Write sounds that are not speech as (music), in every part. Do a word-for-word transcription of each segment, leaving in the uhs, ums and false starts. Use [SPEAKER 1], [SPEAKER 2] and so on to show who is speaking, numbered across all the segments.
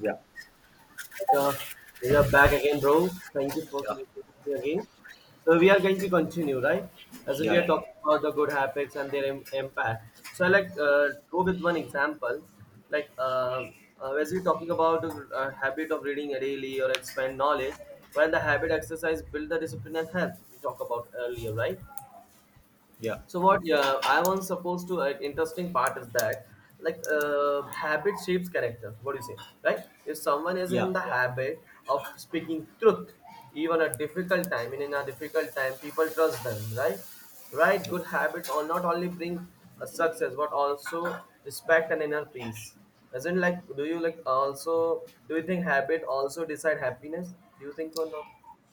[SPEAKER 1] Yeah,
[SPEAKER 2] Uh, we are back again, bro. Thank you for
[SPEAKER 1] yeah,
[SPEAKER 2] connecting with me again. So we are going to continue, right? As in we are
[SPEAKER 1] yeah,
[SPEAKER 2] talking about the good habits and their im- impact. So I like, uh, go with one example, like uh, uh, as we're talking about a uh, habit of reading daily or expand knowledge, while the habit exercise build the discipline and health we talk about earlier, right?
[SPEAKER 1] yeah,
[SPEAKER 2] So what, yeah, I was supposed to, like, interesting part is that like, uh, habit shapes character. What do you say, right? If someone is
[SPEAKER 1] yeah,
[SPEAKER 2] in the habit of speaking truth, even a difficult time, and in a difficult time, people trust them, right? Right,
[SPEAKER 1] yeah.
[SPEAKER 2] good habits or not only bring a success but also respect and inner peace. Isn't like, do you like also, do you think habit also decide happiness? Do you think or not?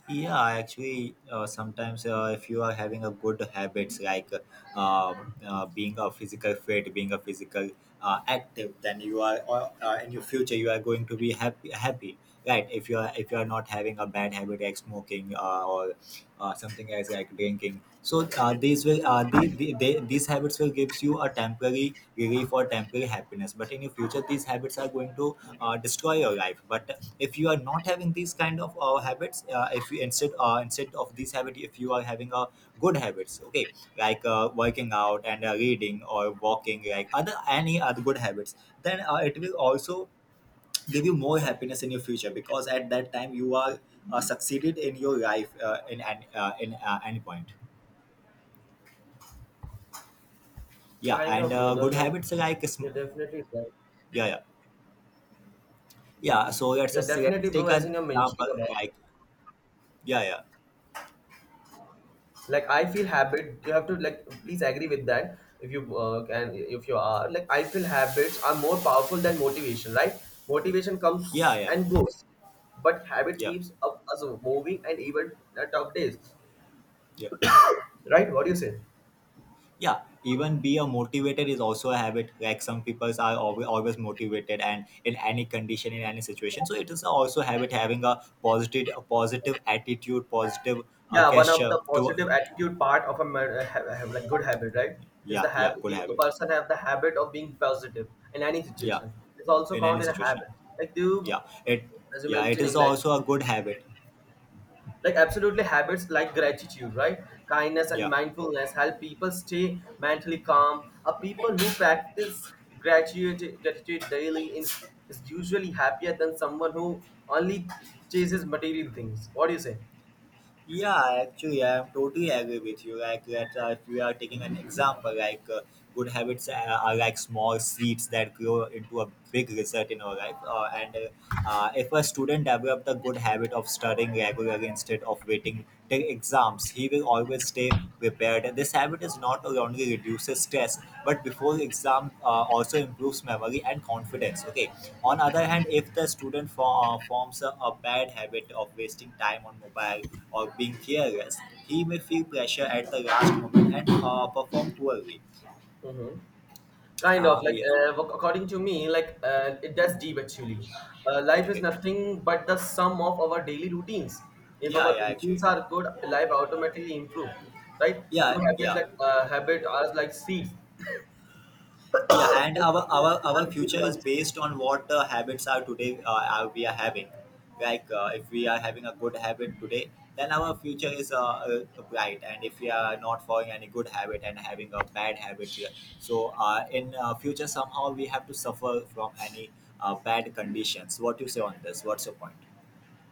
[SPEAKER 1] Yeah, actually, uh, sometimes uh, if you are having a good habits like uh, um, uh, being a physical fit, being a physical uh, active, then you are uh, uh, in your future you are going to be happy. Happy, right? If you are if you are not having a bad habit like smoking uh, or uh, something as like drinking. So uh, these will uh, the, the, they, these habits will gives you a temporary relief or temporary happiness. But in your future, these habits are going to uh, destroy your life. But if you are not having these kind of uh, habits, uh, if you instead uh, instead of these habits, if you are having a good habits, okay, like uh, working out and uh, reading or walking, like other any other good habits, then uh, it will also give you more happiness in your future because at that time you are uh, succeeded in your life uh, in an uh, in uh, any point. Yeah,
[SPEAKER 2] Kind
[SPEAKER 1] and
[SPEAKER 2] of,
[SPEAKER 1] uh,
[SPEAKER 2] brother,
[SPEAKER 1] good
[SPEAKER 2] like,
[SPEAKER 1] habits are like sm-
[SPEAKER 2] you're definitely right.
[SPEAKER 1] Yeah, yeah,
[SPEAKER 2] Yeah,
[SPEAKER 1] yeah. So let's
[SPEAKER 2] yeah,
[SPEAKER 1] just
[SPEAKER 2] definitely,
[SPEAKER 1] let's
[SPEAKER 2] bro.
[SPEAKER 1] take
[SPEAKER 2] As
[SPEAKER 1] an
[SPEAKER 2] in you're mentioning
[SPEAKER 1] example
[SPEAKER 2] about,
[SPEAKER 1] like. Yeah, yeah,
[SPEAKER 2] like, I feel habit. You have to, like, please agree with that. If you, uh, can, if you are like, I feel habits are more powerful than motivation, right? Motivation
[SPEAKER 1] yeah,
[SPEAKER 2] comes
[SPEAKER 1] yeah,
[SPEAKER 2] and goes, but habit
[SPEAKER 1] yeah,
[SPEAKER 2] keeps up us moving and even at tough days,
[SPEAKER 1] yeah,
[SPEAKER 2] right? What do you say?
[SPEAKER 1] yeah. Even be a motivated is also a habit, like some people are always, always motivated, and in any condition, in any situation, so it is also habit, having a positive, a positive attitude, positive uh,
[SPEAKER 2] Yeah, one of
[SPEAKER 1] gesture
[SPEAKER 2] the
[SPEAKER 1] to.
[SPEAKER 2] positive attitude part of a man, uh, ha- have, like good habit, right? Is the
[SPEAKER 1] Yeah, yeah,
[SPEAKER 2] habit
[SPEAKER 1] good
[SPEAKER 2] he, the
[SPEAKER 1] habit.
[SPEAKER 2] person have the habit of being positive in any
[SPEAKER 1] Yeah,
[SPEAKER 2] situation. It's also
[SPEAKER 1] in
[SPEAKER 2] count
[SPEAKER 1] any
[SPEAKER 2] in a
[SPEAKER 1] situation.
[SPEAKER 2] habit. Like do you,
[SPEAKER 1] Yeah, it.
[SPEAKER 2] as you
[SPEAKER 1] Yeah, it is
[SPEAKER 2] mentioning, like,
[SPEAKER 1] also a good habit.
[SPEAKER 2] like absolutely habits like gratitude, right, kindness and
[SPEAKER 1] Yeah.
[SPEAKER 2] mindfulness help people stay mentally calm, a people who practice gratitude gratitude daily is, is usually happier than someone who only chases material things. What do you say?
[SPEAKER 1] Yeah, actually, I'm totally agree with you. Like, that uh, if we are taking an example, like uh, good habits uh, are like small seeds that grow into a big result in our life. Uh, and uh, uh, If a student develop the good habit of studying regularly instead of waiting till exams, he will always stay prepared. This habit is not only reduces stress, but before exam uh, also improves memory and confidence. Okay. On other hand, if the student for, uh, forms a, a bad habit of wasting time on mobile or being careless, he may feel pressure at the last moment and uh, perform poorly.
[SPEAKER 2] Hmm. Kind of
[SPEAKER 1] Ah,
[SPEAKER 2] like,
[SPEAKER 1] yeah.
[SPEAKER 2] uh, ac- according to me, like, uh, it does deep actually. Uh, life is
[SPEAKER 1] Okay.
[SPEAKER 2] nothing but the sum of our daily routines. If
[SPEAKER 1] Yeah,
[SPEAKER 2] our
[SPEAKER 1] yeah, actually.
[SPEAKER 2] routines are good, life automatically improve, right? True
[SPEAKER 1] Yeah,
[SPEAKER 2] habits
[SPEAKER 1] yeah.
[SPEAKER 2] like, uh, habit are like seeds.
[SPEAKER 1] Yeah, and our, our our
[SPEAKER 2] And good
[SPEAKER 1] future is
[SPEAKER 2] ones.
[SPEAKER 1] based on what the habits are today uh, are we are having. Like uh, if we are having a good habit today, then our future is uh, uh, bright. And if we are not following any good habit and having a bad habit here, so uh, in uh, future somehow we have to suffer from any uh, bad conditions. What you say on this? What's your point?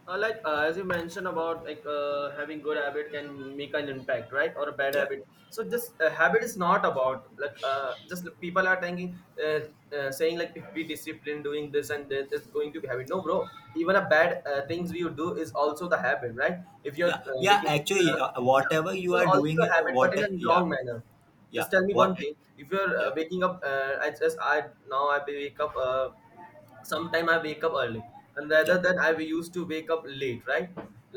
[SPEAKER 2] Uh, like, uh, as you mentioned about, like, uh, having good habit can make an impact, right? Or a bad
[SPEAKER 1] Yeah.
[SPEAKER 2] habit. So this, uh, habit is not about like, uh, just like, people are thinking, uh, uh, saying, like, if we discipline doing this and that, it's going to be habit. No, bro. Even a bad, uh, things you do is also the habit, right? If you're,
[SPEAKER 1] Yeah,
[SPEAKER 2] uh,
[SPEAKER 1] yeah,
[SPEAKER 2] waking up, uh,
[SPEAKER 1] actually, uh,
[SPEAKER 2] yeah,
[SPEAKER 1] whatever
[SPEAKER 2] it's
[SPEAKER 1] you are
[SPEAKER 2] also
[SPEAKER 1] doing,
[SPEAKER 2] a
[SPEAKER 1] uh,
[SPEAKER 2] habit, but
[SPEAKER 1] what
[SPEAKER 2] in
[SPEAKER 1] uh,
[SPEAKER 2] a
[SPEAKER 1] yeah.
[SPEAKER 2] wrong manner. Just
[SPEAKER 1] Yeah,
[SPEAKER 2] tell me one
[SPEAKER 1] what.
[SPEAKER 2] thing. If you're,
[SPEAKER 1] Yeah,
[SPEAKER 2] uh, waking up, uh, I just I now I wake up. Uh, sometime I wake up early, and rather
[SPEAKER 1] yeah,
[SPEAKER 2] than I used to wake up late, right?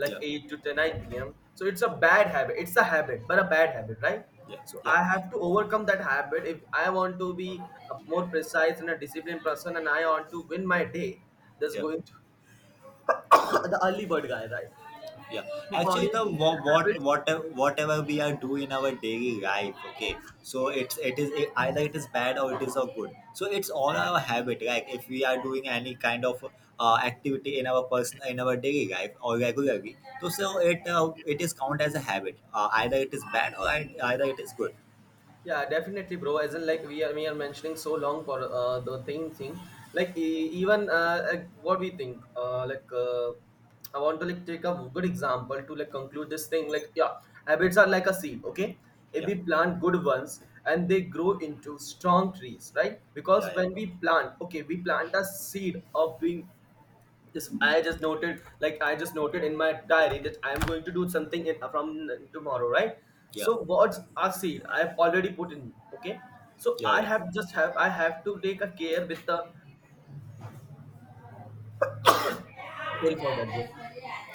[SPEAKER 2] Like
[SPEAKER 1] yeah,
[SPEAKER 2] eight to ten, nine p m. So it's a bad habit. It's a habit, but a bad habit, right?
[SPEAKER 1] yeah,
[SPEAKER 2] So I
[SPEAKER 1] yeah,
[SPEAKER 2] have to overcome that habit if I want to be a more precise and a disciplined person, and I want to win my day. That's
[SPEAKER 1] yeah,
[SPEAKER 2] going to, (coughs) the early bird guy, right?
[SPEAKER 1] yeah,
[SPEAKER 2] So
[SPEAKER 1] actually,
[SPEAKER 2] according
[SPEAKER 1] the
[SPEAKER 2] to me,
[SPEAKER 1] what what
[SPEAKER 2] habits.
[SPEAKER 1] whatever whatever we are doing in our daily life, okay, so it's it is it, either it is bad or it is so good, so it's all our habit. Like if we are doing any kind of uh, activity in our person, in our daily life or regularly, so so it uh, it is count as a habit, uh, either it is bad or ei- either it is good.
[SPEAKER 2] Yeah, definitely, bro. As in, like, we are we are mentioning so long for uh, the thing thing. Like e- even, uh, like, what we think. Uh, like, uh, I want to like take a good example to like conclude this thing. Like, yeah, habits are like a seed. Okay, if
[SPEAKER 1] Yeah,
[SPEAKER 2] we plant good ones and they grow into strong trees, right? Because
[SPEAKER 1] yeah, yeah,
[SPEAKER 2] when we plant, okay, we plant a seed of being. Yes, I just noted, like I just noted in my diary that I am going to do something in, from tomorrow, right?
[SPEAKER 1] yeah,
[SPEAKER 2] So what's a seed? I have already put in. Okay, so
[SPEAKER 1] yeah,
[SPEAKER 2] I
[SPEAKER 1] yeah.
[SPEAKER 2] have just have I have to take a care with the. Sorry for that, bro.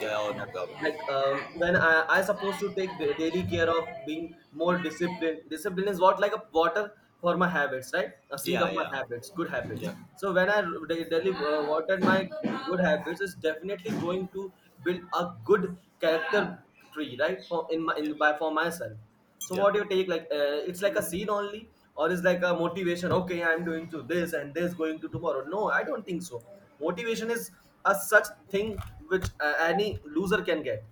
[SPEAKER 1] Yeah, oh, no
[SPEAKER 2] Yeah.
[SPEAKER 1] problem.
[SPEAKER 2] Like, um, when I, I supposed to take da- daily care of being more disciplined. Discipline is what like a water for my habits, right? A seed
[SPEAKER 1] Yeah,
[SPEAKER 2] of my
[SPEAKER 1] yeah,
[SPEAKER 2] habits, good
[SPEAKER 1] yeah,
[SPEAKER 2] habits.
[SPEAKER 1] yeah,
[SPEAKER 2] So when I da- daily uh, watered my good habits, is definitely going to build a good character tree, right? For in my in by for myself. So
[SPEAKER 1] yeah, yeah.
[SPEAKER 2] what do you take? Like, uh, it's like a seed only, or is like a motivation? Okay, I'm doing to this and this going to tomorrow. No, I don't think so. Motivation is a such thing which, uh, any loser can get,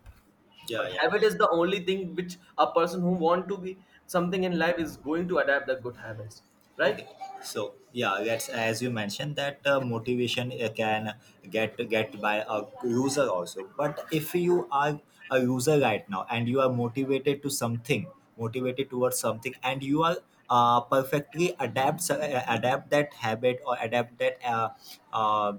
[SPEAKER 1] Yeah.
[SPEAKER 2] but
[SPEAKER 1] Yeah.
[SPEAKER 2] habit is the only thing which a person who want to be something in life is going to adapt the good habits, right?
[SPEAKER 1] Okay, so yeah, that's as you mentioned that uh, motivation uh, can get get by a user also. But if you are a user right now and you are motivated to something, motivated towards something, and you are uh, perfectly adapt uh, adapt that habit or adapt that uh, uh,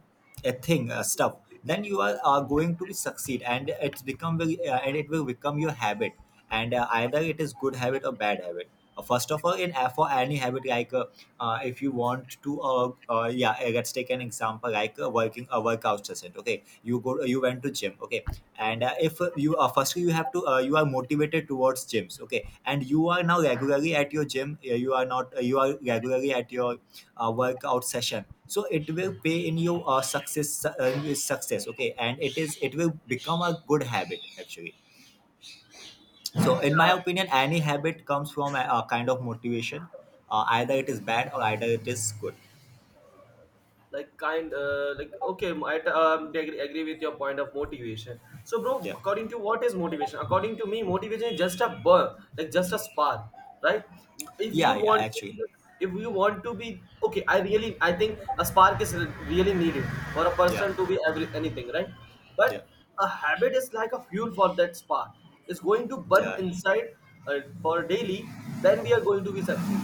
[SPEAKER 1] a thing, uh, stuff, then you are uh, going to be succeed, and it's become very, uh, and it will become your habit, and uh, either it is good habit or bad habit. Uh, First of all, in uh, for any habit like uh, uh, if you want to uh, uh yeah uh, let's take an example like a working a workout session. Okay, you go you went to gym. Okay, and uh, if uh, you uh, firstly you have to uh, you are motivated towards gyms, okay, and you are now regularly at your gym, uh, you are not uh, you are regularly at your uh, workout session, so it will pay in your uh, success uh, success. Okay, and it is it will become a good habit actually. So in my
[SPEAKER 2] Yeah,
[SPEAKER 1] opinion, any habit comes from a, a kind of motivation, uh, either it is bad or either it is good.
[SPEAKER 2] like kind, uh, like, okay, I t- um, agree, agree with your point of motivation. So, bro,
[SPEAKER 1] Yeah,
[SPEAKER 2] according to what is motivation, according to me, motivation is just a burn, like just a spark, right? If you
[SPEAKER 1] yeah, yeah,
[SPEAKER 2] want to be,
[SPEAKER 1] actually.
[SPEAKER 2] if you want to be okay, I really, I think a spark is really needed for a
[SPEAKER 1] Yeah,
[SPEAKER 2] person to be every, anything, right?
[SPEAKER 1] yeah,
[SPEAKER 2] But a habit is like a fuel for that spark. It's going to burn
[SPEAKER 1] yeah,
[SPEAKER 2] inside, uh, for daily, then we are going to be succeed.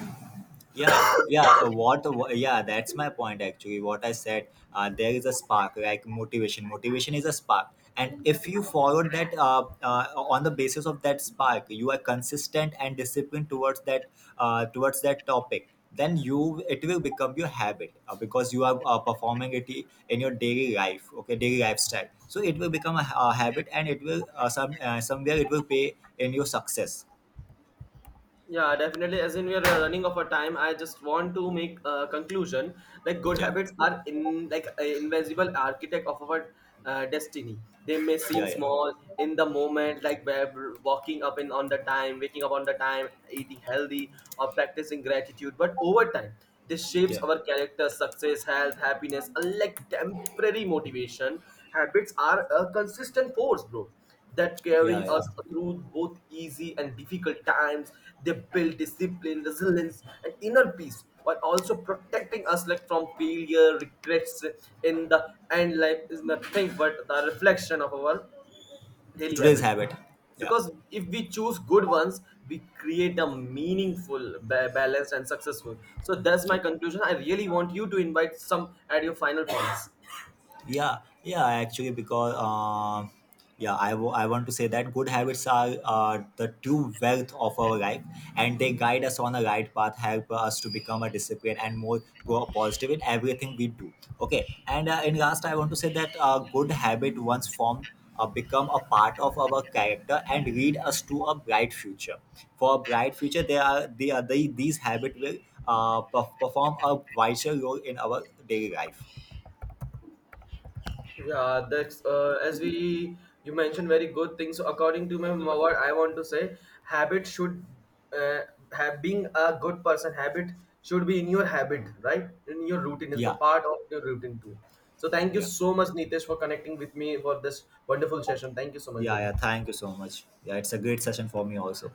[SPEAKER 1] yeah, yeah. uh, what, what yeah That's my point, actually, what I said. Uh, there is a spark, like motivation. Motivation is a spark, and if you follow that, uh, uh, on the basis of that spark you are consistent and disciplined towards that, uh, towards that topic, then you it will become your habit, uh, because you are uh, performing it i- in your daily life, okay, daily lifestyle, so it will become a, ha- a habit, and it will uh, some uh, somewhere it will pay in your success.
[SPEAKER 2] Yeah, definitely. As in, we are, uh, running of a time. I just want to make a conclusion. Like, good
[SPEAKER 1] Yeah,
[SPEAKER 2] habits are in like a invisible architect of our, uh, destiny. They may seem
[SPEAKER 1] yeah, yeah,
[SPEAKER 2] small in the moment, like where walking up in on the time, waking up on the time, eating healthy, or practicing gratitude. But over time, this shapes
[SPEAKER 1] yeah,
[SPEAKER 2] our character, success, health, happiness. Unlike temporary motivation, habits are a consistent force, bro, that
[SPEAKER 1] yeah,
[SPEAKER 2] carry
[SPEAKER 1] yeah.
[SPEAKER 2] us through both easy and difficult times. They build discipline, resilience, and inner peace while also protecting us like from failure, regrets. In the end, life is nothing but the reflection of our daily
[SPEAKER 1] Today's
[SPEAKER 2] habits,
[SPEAKER 1] habit. Yeah,
[SPEAKER 2] because if we choose good ones we create a meaningful ba- balanced and successful. So that's my
[SPEAKER 1] yeah,
[SPEAKER 2] conclusion. I really want you to invite some at your final points.
[SPEAKER 1] yeah. Yeah, actually, because um yeah I wa- I want to say that good habits are uh, the true wealth of our life, and they guide us on the right path, help us to become a disciplined and more pro- positive in everything we do. Okay, and uh, in last, I want to say that a good habit once formed uh, become a part of our character and lead us to a bright future. For a bright future, they are they are they, these habits will uh, perf- perform a vital role in our daily life.
[SPEAKER 2] Yeah, that's, uh, as we, you mentioned very good things. So according to my mom, what I want to say, habit should, uh, have being a good person. Habit should be in your habit, right? In your routine is the
[SPEAKER 1] Yeah, yeah,
[SPEAKER 2] part of your routine too. So thank you
[SPEAKER 1] yeah.
[SPEAKER 2] so much, Nitesh, for connecting with me for this wonderful session. Thank you so much,
[SPEAKER 1] Yeah,
[SPEAKER 2] brother.
[SPEAKER 1] yeah. Thank you so much. Yeah, it's a great session for me also.